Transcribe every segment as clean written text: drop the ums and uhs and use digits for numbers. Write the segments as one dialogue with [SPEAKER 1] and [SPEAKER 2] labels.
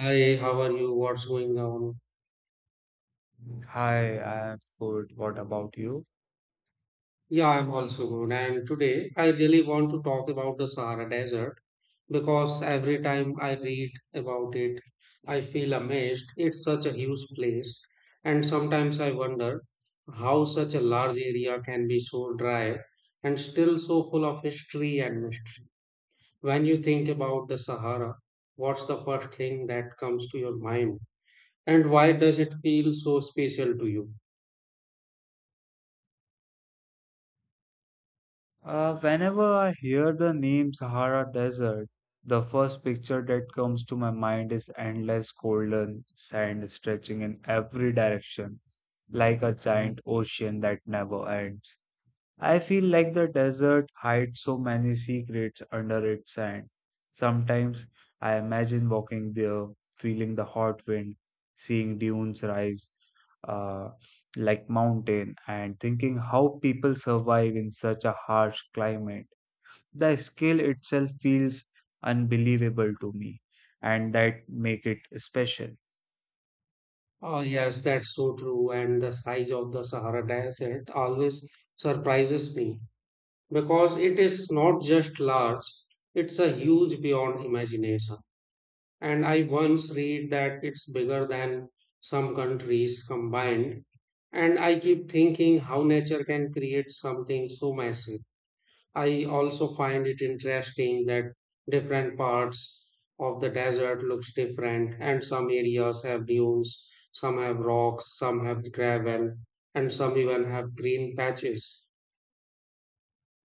[SPEAKER 1] Hi, how are you? What's going on?
[SPEAKER 2] Hi, I am good. What about you?
[SPEAKER 1] Yeah, I'm also good. And today I really want to talk about the Sahara Desert because every time I read about it, I feel amazed. It's such a huge place. And sometimes I wonder how such a large area can be so dry and still so full of history and mystery. When you think about the Sahara, what's the first thing that comes to your mind? And why does it feel so special to you?
[SPEAKER 2] Whenever I hear the name Sahara Desert, the first picture that comes to my mind is endless golden sand stretching in every direction, like a giant ocean that never ends. I feel like the desert hides so many secrets under its sand. Sometimes I imagine walking there, feeling the hot wind, seeing dunes rise uh, like mountain, and thinking how people survive in such a harsh climate. The scale itself feels unbelievable to me, and that make it special.
[SPEAKER 1] Oh, yes, that's so true. And the size of the Sahara Desert always surprises me because it is not just large, it's a huge beyond imagination. And I once read that it's bigger than some countries combined. And I keep thinking how nature can create something so massive. I also find it interesting that different parts of the desert looks different and some areas have dunes, some have rocks, some have gravel, and some even have green patches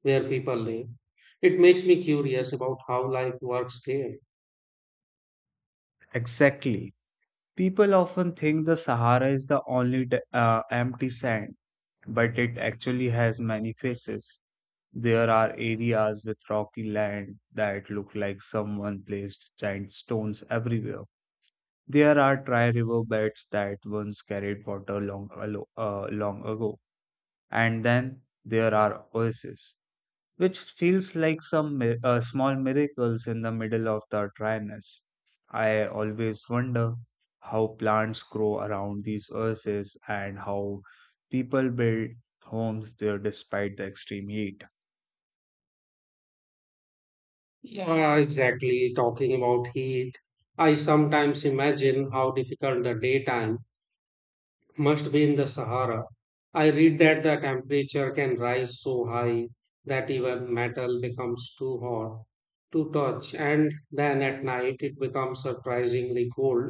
[SPEAKER 1] where people live. It makes me curious about how life works there.
[SPEAKER 2] Exactly. People often think the Sahara is the only empty sand, but it actually has many faces. There are areas with rocky land that look like someone placed giant stones everywhere. There are dry river beds that once carried water long ago. And then there are oases which feels like some small miracles in the middle of the dryness. I always wonder how plants grow around these oases and how people build homes there despite the extreme heat.
[SPEAKER 1] Yeah, exactly. Talking about heat, I sometimes imagine how difficult the daytime must be in the Sahara. I read that the temperature can rise so high that even metal becomes too hot to touch, and then at night it becomes surprisingly cold,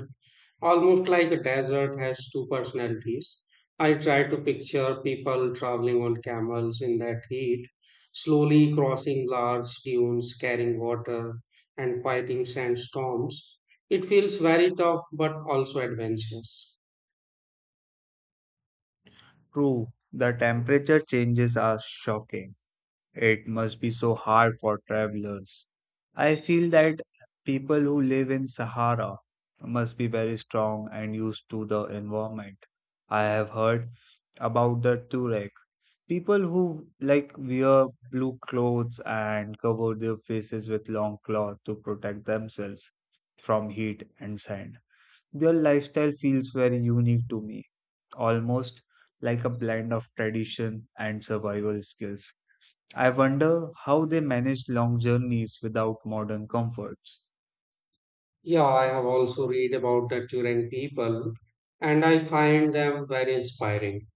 [SPEAKER 1] almost like a desert has two personalities. I try to picture people traveling on camels in that heat, slowly crossing large dunes, carrying water, and fighting sandstorms. It feels very tough but also adventurous.
[SPEAKER 2] True, the temperature changes are shocking. It must be so hard for travelers. I feel that people who live in Sahara must be very strong and used to the environment. I have heard about the Tuareg. People who like wear blue clothes and cover their faces with long cloth to protect themselves from heat and sand. Their lifestyle feels very unique to me, almost like a blend of tradition and survival skills. I wonder how they managed long journeys without modern comforts.
[SPEAKER 1] Yeah, I have also read about the Turan people and I find them very inspiring.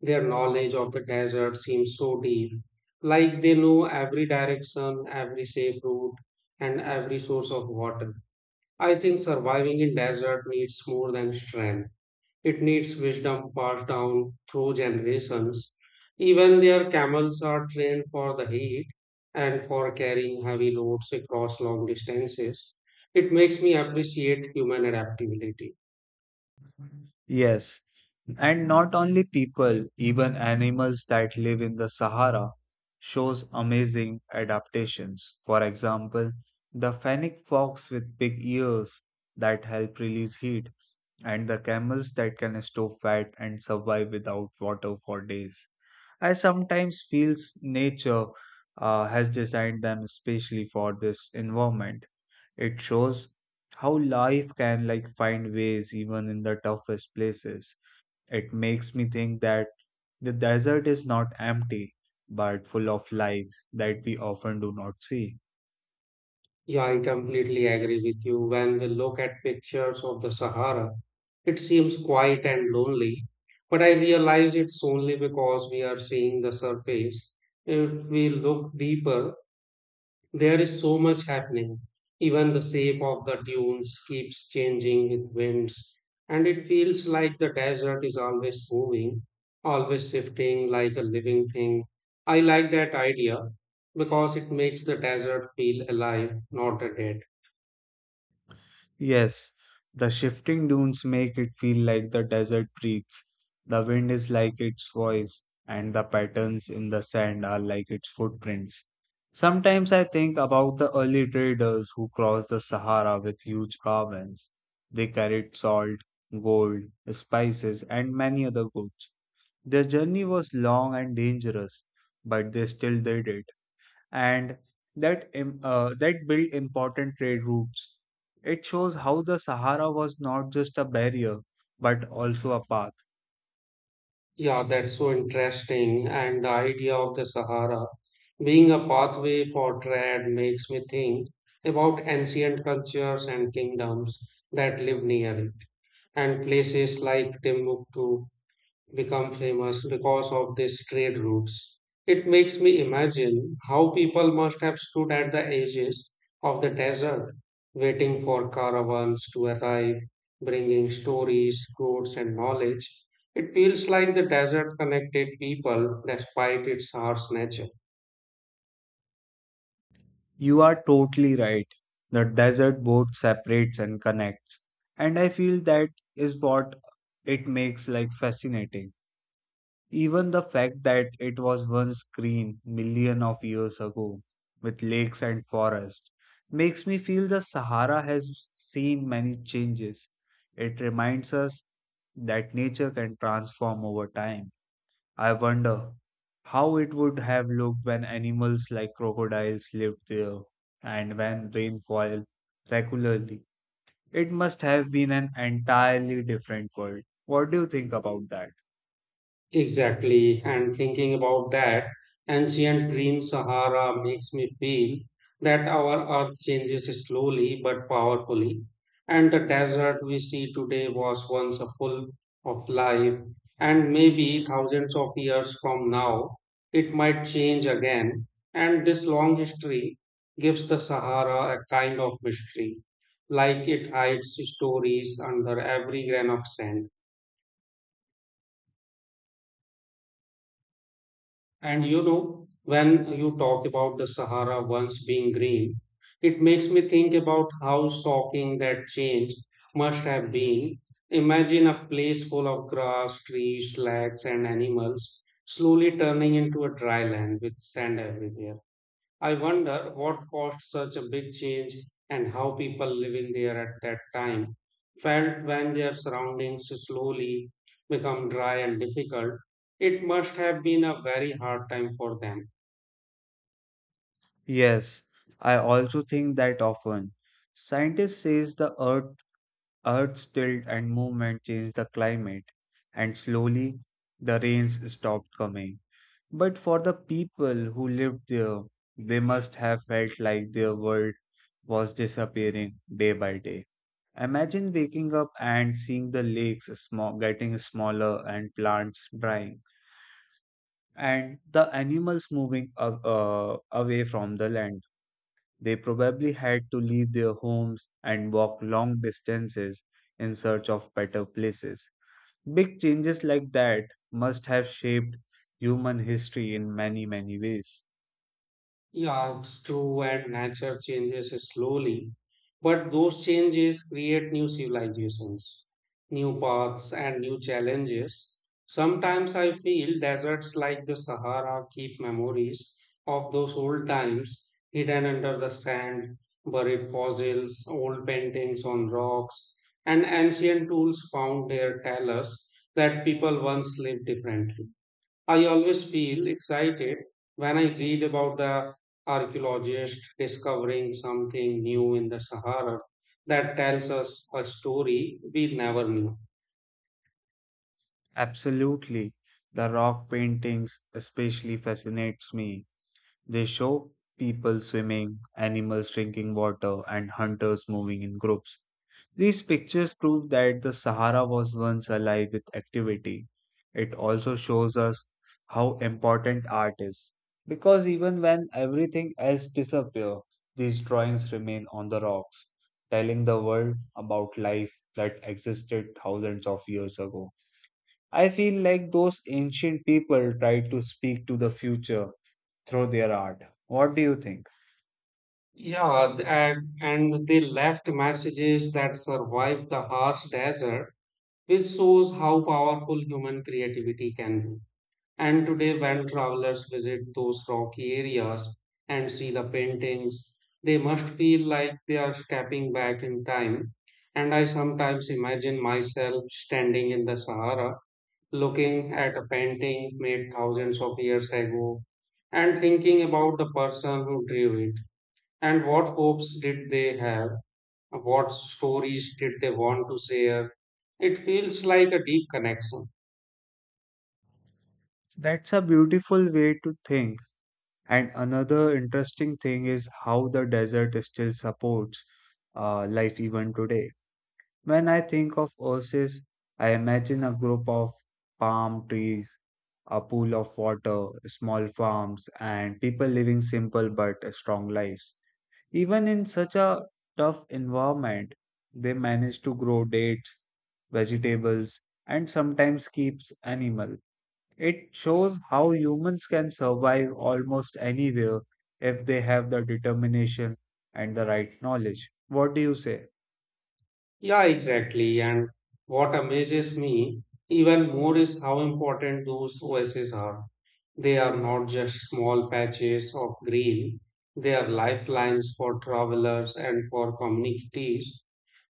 [SPEAKER 1] Their knowledge of the desert seems so deep, like they know every direction, every safe route, and every source of water. I think surviving in desert needs more than strength. It needs wisdom passed down through generations. Even their camels are trained for the heat and for carrying heavy loads across long distances. It makes me appreciate human adaptability.
[SPEAKER 2] Yes, and not only people, even animals that live in the Sahara shows amazing adaptations. For example, the fennec fox with big ears that help release heat, and the camels that can store fat and survive without water for days. I sometimes feel nature has designed them especially for this environment. It shows how life can like find ways even in the toughest places. It makes me think that the desert is not empty, but full of life that we often do not see.
[SPEAKER 1] Yeah, I completely agree with you. When we look at pictures of the Sahara, it seems quiet and lonely, but I realize it's only because we are seeing the surface. If we look deeper, there is so much happening. Even the shape of the dunes keeps changing with winds, and it feels like the desert is always moving, always shifting like a living thing. I like that idea because it makes the desert feel alive, not dead.
[SPEAKER 2] Yes, the shifting dunes make it feel like the desert breathes. The wind is like its voice, and the patterns in the sand are like its footprints. Sometimes I think about the early traders who crossed the Sahara with huge caravans. They carried salt, gold, spices, and many other goods. Their journey was long and dangerous, but they still did it, and that built important trade routes. It shows how the Sahara was not just a barrier but also a path.
[SPEAKER 1] Yeah, that's so interesting. And the idea of the Sahara being a pathway for trade makes me think about ancient cultures and kingdoms that live near it, and places like Timbuktu become famous because of these trade routes. It makes me imagine how people must have stood at the edges of the desert, waiting for caravans to arrive, bringing stories, goods, and knowledge. It feels like the desert connected people despite its harsh nature.
[SPEAKER 2] You are totally right. The desert both separates and connects, and I feel that is what it makes like fascinating. Even the fact that it was once green million of years ago with lakes and forests makes me feel the Sahara has seen many changes. It reminds us that nature can transform over time. I wonder how it would have looked when animals like crocodiles lived there and when rain fell regularly. It must have been an entirely different world. What do you think about that?
[SPEAKER 1] Exactly. And thinking about that ancient green Sahara makes me feel that our earth changes slowly but powerfully. And the desert we see today was once a full of life. And maybe thousands of years from now, it might change again. And this long history gives the Sahara a kind of mystery, like it hides stories under every grain of sand. And you know, when you talk about the Sahara once being green, it makes me think about how shocking that change must have been. Imagine a place full of grass, trees, lakes, and animals slowly turning into a dry land with sand everywhere. I wonder what caused such a big change and how people living there at that time felt when their surroundings slowly become dry and difficult. It must have been a very hard time for them.
[SPEAKER 2] Yes, I also think that often. Scientists says the earth's tilt and movement changed the climate, and slowly the rains stopped coming. But for the people who lived there, they must have felt like their world was disappearing day by day. Imagine waking up and seeing the lakes small, getting smaller, and plants drying and the animals moving away from the land. They probably had to leave their homes and walk long distances in search of better places. Big changes like that must have shaped human history in many, many ways.
[SPEAKER 1] Yeah, it's true, and nature changes slowly, but those changes create new civilizations, new paths, and new challenges. Sometimes I feel deserts like the Sahara keep memories of those old times hidden under the sand, buried fossils, old paintings on rocks, and ancient tools found there tell us that people once lived differently. I always feel excited when I read about the archaeologist discovering something new in the Sahara that tells us a story we never knew.
[SPEAKER 2] Absolutely. The rock paintings especially fascinates me. They show people swimming, animals drinking water, and hunters moving in groups. These pictures prove that the Sahara was once alive with activity. It also shows us how important art is, because even when everything else disappears, these drawings remain on the rocks, telling the world about life that existed thousands of years ago. I feel like those ancient people tried to speak to the future through their art. What do you think?
[SPEAKER 1] Yeah, and they left messages that survived the harsh desert, which shows how powerful human creativity can be. And today, when travelers visit those rocky areas and see the paintings, they must feel like they are stepping back in time. And I sometimes imagine myself standing in the Sahara, looking at a painting made thousands of years ago, and thinking about the person who drew it, and what hopes did they have, what stories did they want to share. It feels like a deep connection.
[SPEAKER 2] That's a beautiful way to think. And another interesting thing is how the desert still supports life even today. When I think of oasis, I imagine a group of palm trees, a pool of water, small farms, and people living simple but strong lives. Even in such a tough environment, they manage to grow dates, vegetables, and sometimes keeps animal. It shows how humans can survive almost anywhere if they have the determination and the right knowledge. What do you say?
[SPEAKER 1] Yeah, exactly. And what amazes me even more is how important those oases are. They are not just small patches of green, they are lifelines for travelers and for communities.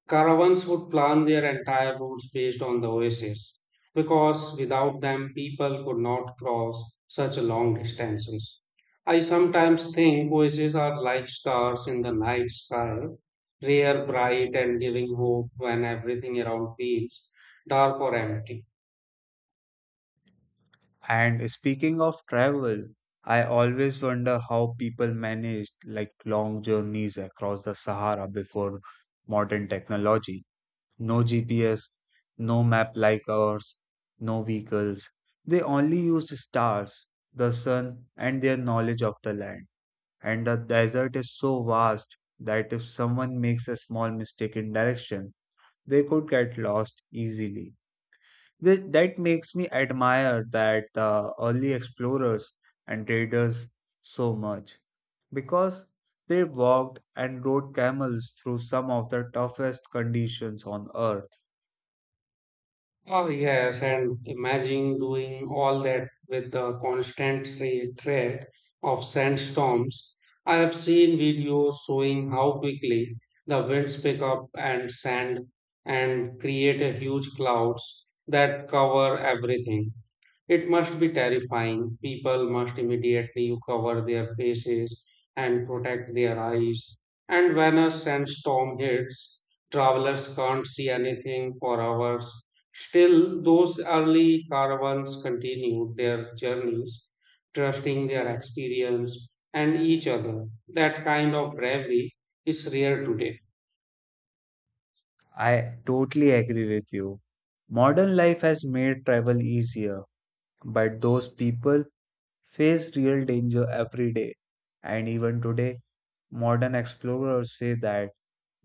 [SPEAKER 1] Caravans would plan their entire routes based on the oases, because without them, people could not cross such long distances. I sometimes think oases are like stars in the night sky, rare, bright, and giving hope when everything around feels dark or empty.
[SPEAKER 2] And speaking of travel, I always wonder how people managed like long journeys across the Sahara before modern technology. No GPS, no map like ours, no vehicles. They only used stars, the sun, and their knowledge of the land. And the desert is so vast that if someone makes a small mistake in direction, they could get lost easily. That makes me admire that the early explorers and traders so much, because they walked and rode camels through some of the toughest conditions on earth.
[SPEAKER 1] Oh, yes, and imagine doing all that with the constant threat of sandstorms. I have seen videos showing how quickly the winds pick up and sand and create a huge clouds that cover everything. It must be terrifying. People must immediately cover their faces and protect their eyes. And when a sandstorm hits, travelers can't see anything for hours. Still, those early caravans continued their journeys, trusting their experience and each other. That kind of bravery is rare today.
[SPEAKER 2] I totally agree with you. Modern life has made travel easier, but those people face real danger every day. And even today, modern explorers say that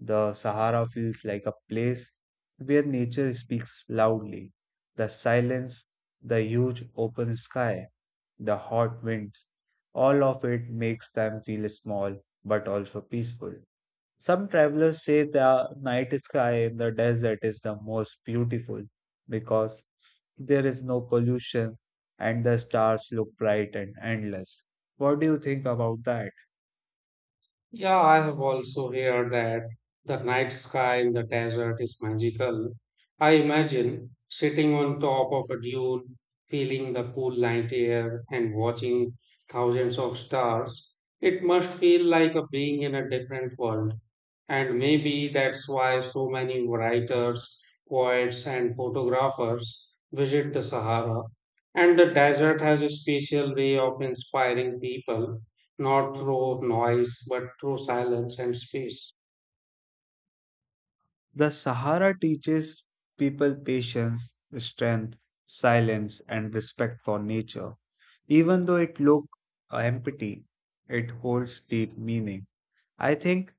[SPEAKER 2] the Sahara feels like a place where nature speaks loudly. The silence, the huge open sky, the hot winds, all of it makes them feel small but also peaceful. Some travelers say the night sky in the desert is the most beautiful because there is no pollution, and the stars look bright and endless. What do you think about that?
[SPEAKER 1] Yeah, I have also heard that the night sky in the desert is magical. I imagine sitting on top of a dune, feeling the cool night air, and watching thousands of stars. It must feel like a being in a different world. And maybe that's why so many writers, poets, and photographers visit the Sahara. And the desert has a special way of inspiring people not through noise but through silence and space.
[SPEAKER 2] The Sahara teaches people patience, strength, silence, and respect for nature. Even though it looks empty, it holds deep meaning. I think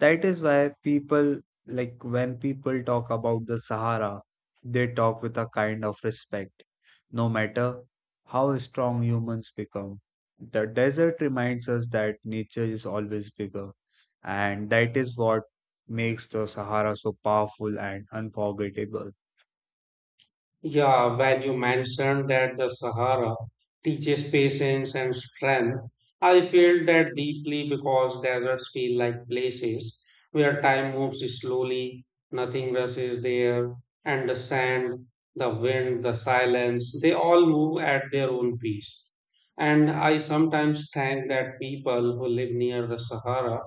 [SPEAKER 2] that is why people, like, when people talk about the Sahara, they talk with a kind of respect. No matter how strong humans become, the desert reminds us that nature is always bigger, and that is what makes the Sahara so powerful and unforgettable.
[SPEAKER 1] Yeah, when you mentioned that the Sahara teaches patience and strength, I feel that deeply because deserts feel like places where time moves slowly, nothing rushes there, and the sand, the wind, the silence, they all move at their own pace. And I sometimes think that people who live near the Sahara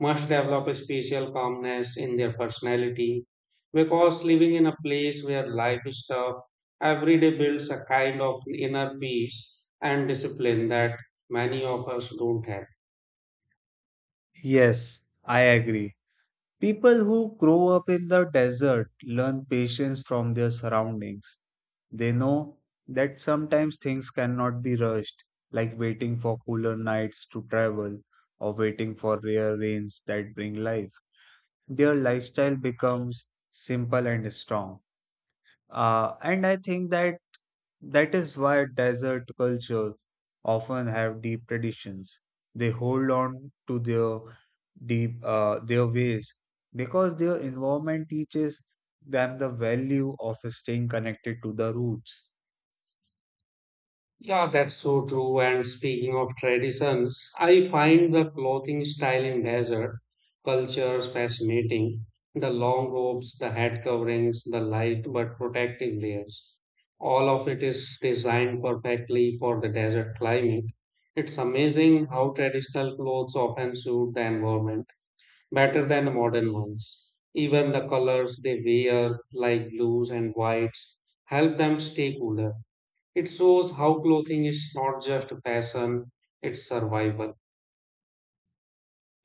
[SPEAKER 1] must develop a special calmness in their personality because living in a place where life is tough every day builds a kind of inner peace and discipline that many of us don't have.
[SPEAKER 2] Yes, I agree. People who grow up in the desert learn patience from their surroundings. They know that sometimes things cannot be rushed, like waiting for cooler nights to travel or waiting for rare rains that bring life. Their lifestyle becomes simple and strong. And I think that that is why desert cultures often have deep traditions. They hold on to their deep their ways because their environment teaches them the value of staying connected to the roots.
[SPEAKER 1] Yeah, that's so true. And speaking of traditions, I find the clothing style in desert cultures fascinating. The long robes, the head coverings, the light but protective layers. All of it is designed perfectly for the desert climate. It's amazing how traditional clothes often suit the environment better than modern ones. Even the colors they wear, like blues and whites, help them stay cooler. It shows how clothing is not just fashion, it's survival.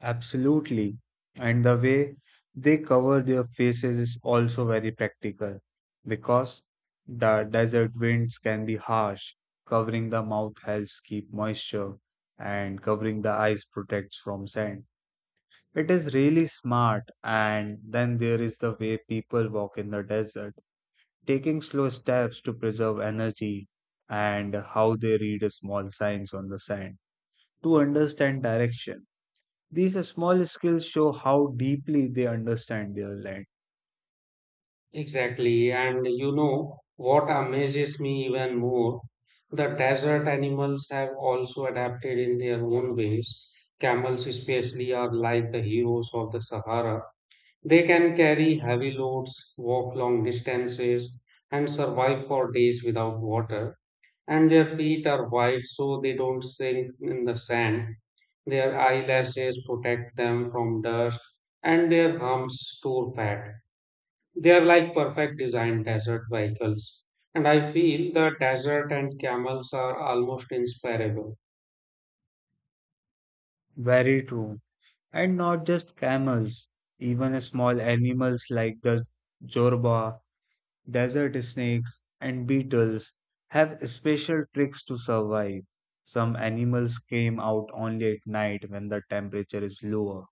[SPEAKER 2] Absolutely. And the way they cover their faces is also very practical, because the desert winds can be harsh. Covering the mouth helps keep moisture, and covering the eyes protects from sand. It is really smart. And then there is the way people walk in the desert, taking slow steps to preserve energy, and how they read small signs on the sand to understand direction. These small skills show how deeply they understand their land.
[SPEAKER 1] Exactly. And you know what amazes me even more? The desert animals have also adapted in their own ways. Camels, especially, are like the heroes of the Sahara. They can carry heavy loads, walk long distances, and survive for days without water. And their feet are wide so they don't sink in the sand. Their eyelashes protect them from dust, and their humps store fat. They are like perfect design desert vehicles. And I feel the desert and camels are almost inseparable.
[SPEAKER 2] Very true. And not just camels, even small animals like the jorba, desert snakes, and beetles have special tricks to survive. Some animals came out only at night when the temperature is lower.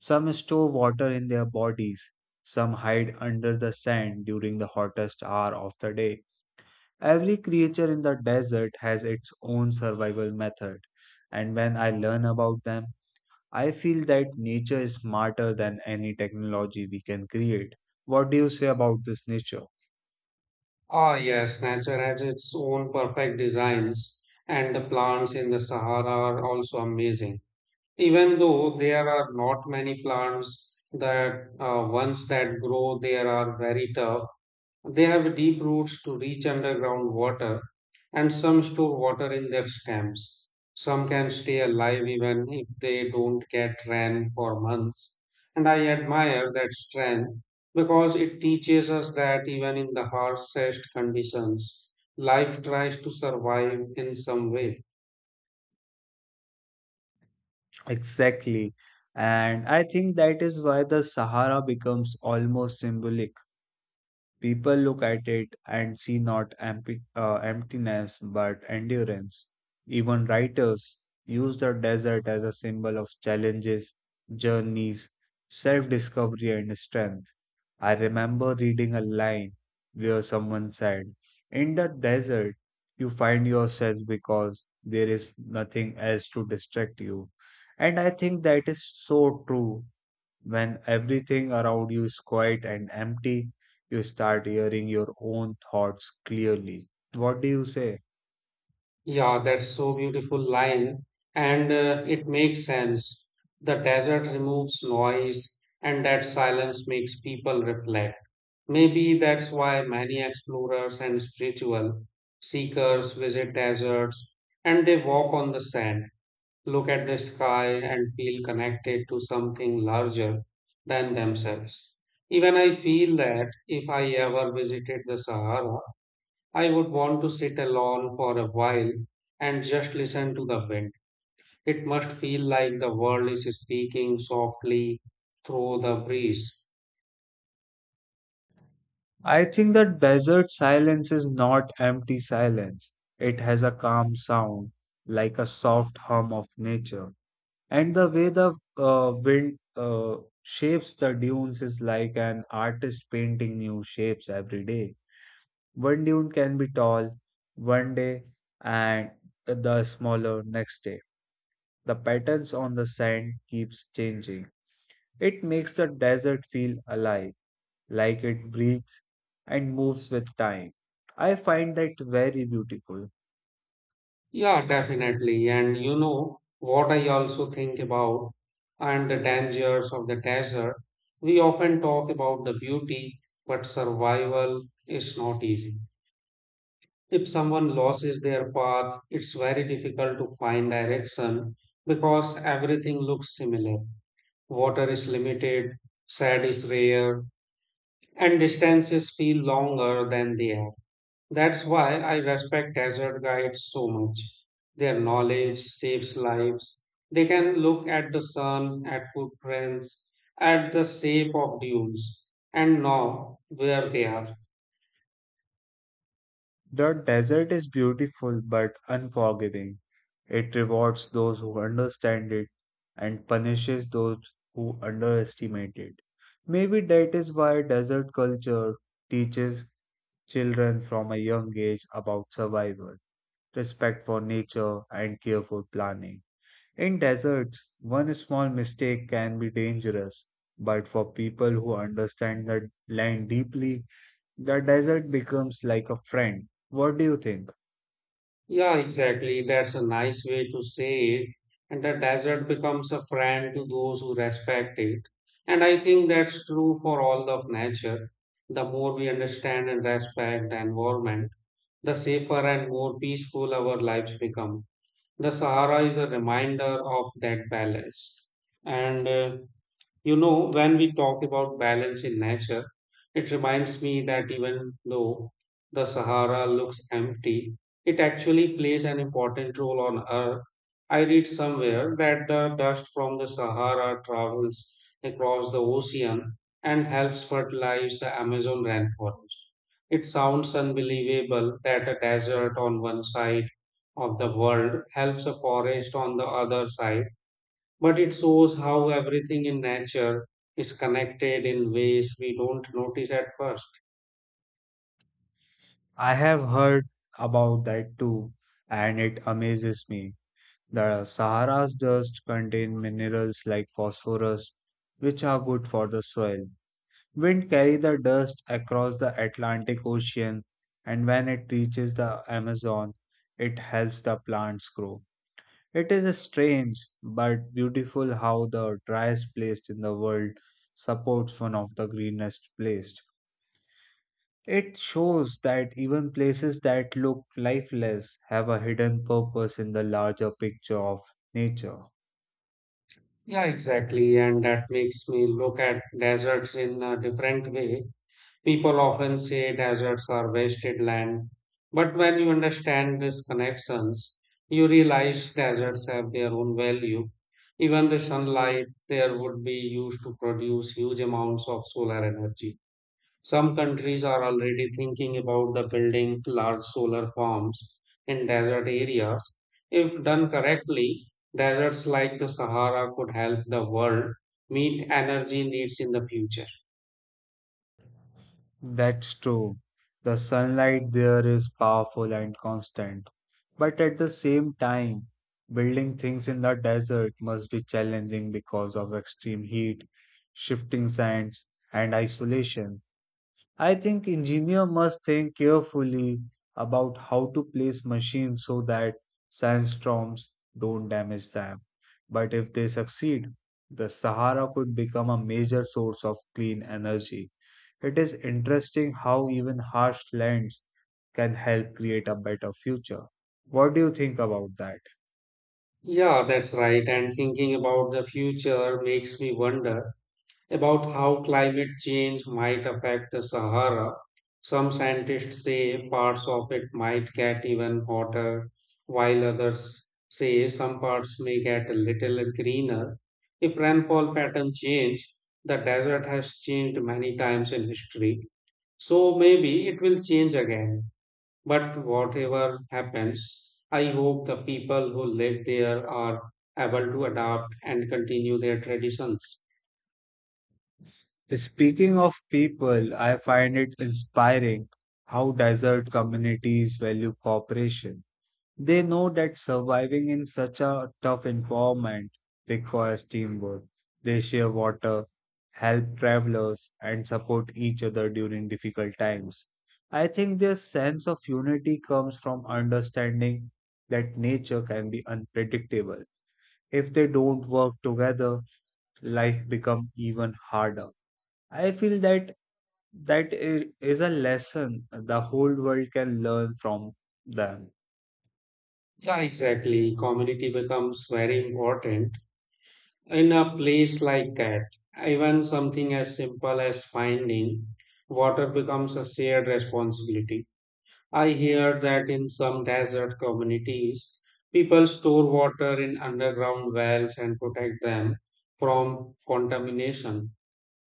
[SPEAKER 2] Some store water in their bodies. Some hide under the sand during the hottest hour of the day. Every creature in the desert has its own survival method, and when I learn about them, I feel that nature is smarter than any technology we can create. What do you say about this nature?
[SPEAKER 1] Ah, yes, nature has its own perfect designs, and the plants in the Sahara are also amazing. Even though there are not many plants that ones that grow there are very tough, they have deep roots to reach underground water, and some store water in their stems. Some can stay alive even if they don't get rain for months. And I admire that strength because it teaches us that even in the harshest conditions, life tries to survive in some way.
[SPEAKER 2] Exactly. And I think that is why the Sahara becomes almost symbolic. People look at it and see not emptiness but endurance. Even writers use the desert as a symbol of challenges, journeys, self discovery, and strength. I remember reading a line where someone said, "In the desert, you find yourself because there is nothing else to distract you." And I think that is so true. When everything around you is quiet and empty, you start hearing your own thoughts clearly. What do you say?
[SPEAKER 1] Yeah, that's so beautiful line, and it makes sense. The desert removes noise, and that silence makes people reflect. Maybe that's why many explorers and spiritual seekers visit deserts and they walk on the sand, look at the sky, and feel connected to something larger than themselves. Even I feel that if I ever visited the Sahara, I would want to sit alone for a while and just listen to the wind. It must feel like the world is speaking softly through the breeze.
[SPEAKER 2] I think that desert silence is not empty silence. It has a calm sound, like a soft hum of nature. And the way the wind shapes the dunes is like an artist painting new shapes every day. One dune can be tall one day and the smaller next day. The patterns on the sand keeps changing. It makes the desert feel alive, like it breathes and moves with time. I find that very beautiful.
[SPEAKER 1] Yeah, definitely. And you know what I also think about and the dangers of the desert. We often talk about the beauty, but survival is not easy. If someone loses their path, it's very difficult to find direction because everything looks similar. Water is limited, sand is rare, and distances feel longer than they are. That's why I respect desert guides so much. Their knowledge saves lives. They can look at the sun, at footprints, at the shape of dunes, and know where they are.
[SPEAKER 2] The desert is beautiful but unforgiving. It rewards those who understand it and punishes those who underestimate it. Maybe that is why desert culture teaches children from a young age about survival, respect for nature, and careful planning. In deserts, one small mistake can be dangerous, but for people who understand the land deeply, the desert becomes like a friend. What do you think?
[SPEAKER 1] Yeah, exactly. That's a nice way to say it. And the desert becomes a friend to those who respect it. And I think that's true for all of nature. The more we understand and respect the environment, the safer and more peaceful our lives become. The Sahara is a reminder of that balance. And you know, when we talk about balance in nature, it reminds me that even though the Sahara looks empty, it actually plays an important role on Earth. I read somewhere that the dust from the Sahara travels across the ocean and helps fertilize the Amazon rainforest. It sounds unbelievable that a desert on one side of the world helps a forest on the other side but it shows how everything in nature is connected in ways we don't notice at first.
[SPEAKER 2] I have heard about that too, and it amazes me. The Sahara's dust contain minerals like phosphorus, which are good for the soil. Wind carry the dust across the Atlantic Ocean, and when it reaches the Amazon, it helps the plants grow. It is strange but beautiful how the driest place in the world supports one of the greenest places. It shows that even places that look lifeless have a hidden purpose in the larger picture of nature.
[SPEAKER 1] Yeah, exactly. And that makes me look at deserts in a different way. People often say deserts are wasted land. But when you understand these connections, you realize deserts have their own value. Even the sunlight there would be used to produce huge amounts of solar energy. Some countries are already thinking about the building large solar farms in desert areas. If done correctly, deserts like the Sahara could help the world meet energy needs in the future.
[SPEAKER 2] That's true. The sunlight there is powerful and constant. But at the same time, building things in the desert must be challenging because of extreme heat, shifting sands, and isolation. I think engineer must think carefully about how to place machines so that sandstorms don't damage them. But if they succeed, the Sahara could become a major source of clean energy. It is interesting how even harsh lands can help create a better future. What do you think about that?
[SPEAKER 1] Yeah, that's right. And thinking about the future makes me wonder about how climate change might affect the Sahara. Some scientists say parts of it might get even hotter, while others say some parts may get a little greener. If rainfall patterns change, the desert has changed many times in history, so maybe it will change again. But whatever happens, I hope the people who live there are able to adapt and continue their traditions.
[SPEAKER 2] Speaking of people, I find it inspiring how desert communities value cooperation. They know that surviving in such a tough environment requires teamwork. They share water, help travelers, and support each other during difficult times. I think their sense of unity comes from understanding that nature can be unpredictable. If they don't work together, life becomes even harder. I feel that is a lesson the whole world can learn from them.
[SPEAKER 1] Yeah, exactly. Community becomes very important in a place like that. Even something as simple as finding water becomes a shared responsibility. I hear that in some desert communities, people store water in underground wells and protect them from contamination.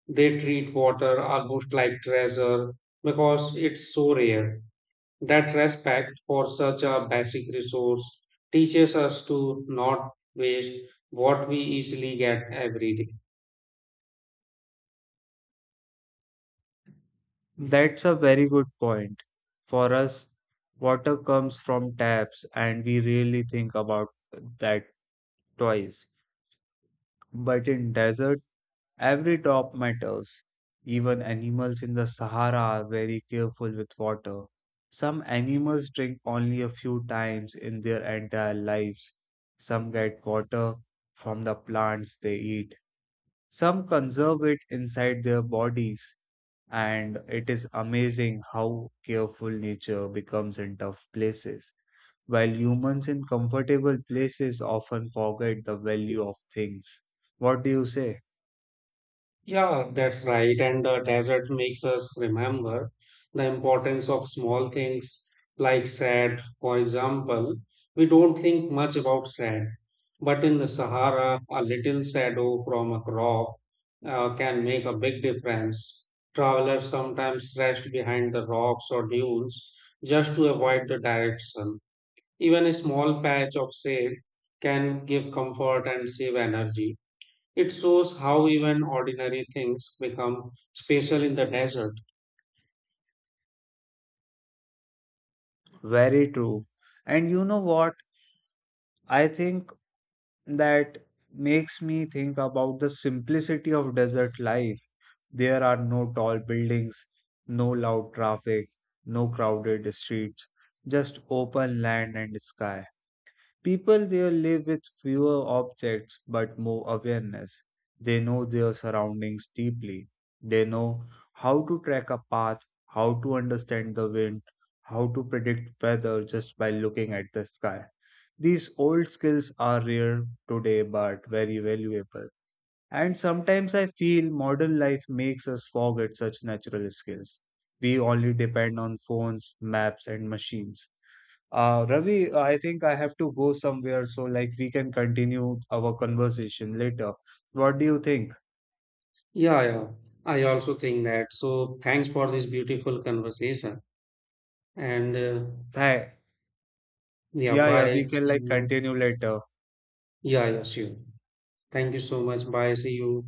[SPEAKER 1] They treat water almost like treasure because it's so rare. That respect for such a basic resource teaches us to not waste what we easily get every day.
[SPEAKER 2] That's a very good point. For us, water comes from taps and we really think about that twice. But in desert, every drop matters. Even animals in the Sahara are very careful with water. Some animals drink only a few times in their entire lives. Some get water from the plants they eat. Some conserve it inside their bodies, and it is amazing how careful nature becomes in tough places, while humans in comfortable places often forget the value of things. What do you say?
[SPEAKER 1] Yeah, that's right. And the desert makes us remember the importance of small things like sand. For example, we don't think much about sand, but in the Sahara, a little shadow from a crop can make a big difference. Travelers sometimes rest behind the rocks or dunes just to avoid the direct sun. Even a small patch of shade can give comfort and save energy. It shows how even ordinary things become special in the desert.
[SPEAKER 2] Very true. And you know what? I think that makes me think about the simplicity of desert life. There are no tall buildings, no loud traffic, no crowded streets, just open land and sky. People there live with fewer objects but more awareness. They know their surroundings deeply. They know how to track a path, how to understand the wind, how to predict weather just by looking at the sky. These old skills are rare today but very valuable. And sometimes I feel modern life makes us forget such natural skills. We only depend on phones, maps, and machines. Ravi, I think I have to go somewhere, so like we can continue our conversation later. What do you think?
[SPEAKER 1] Yeah, yeah. I also think that. So thanks for this beautiful conversation. And
[SPEAKER 2] Hey,
[SPEAKER 1] Yeah,
[SPEAKER 2] yeah, yeah, we
[SPEAKER 1] bye.
[SPEAKER 2] can
[SPEAKER 1] See
[SPEAKER 2] like
[SPEAKER 1] you.
[SPEAKER 2] continue later.
[SPEAKER 1] Yeah, yeah, sure. Thank you so much. Bye. See you.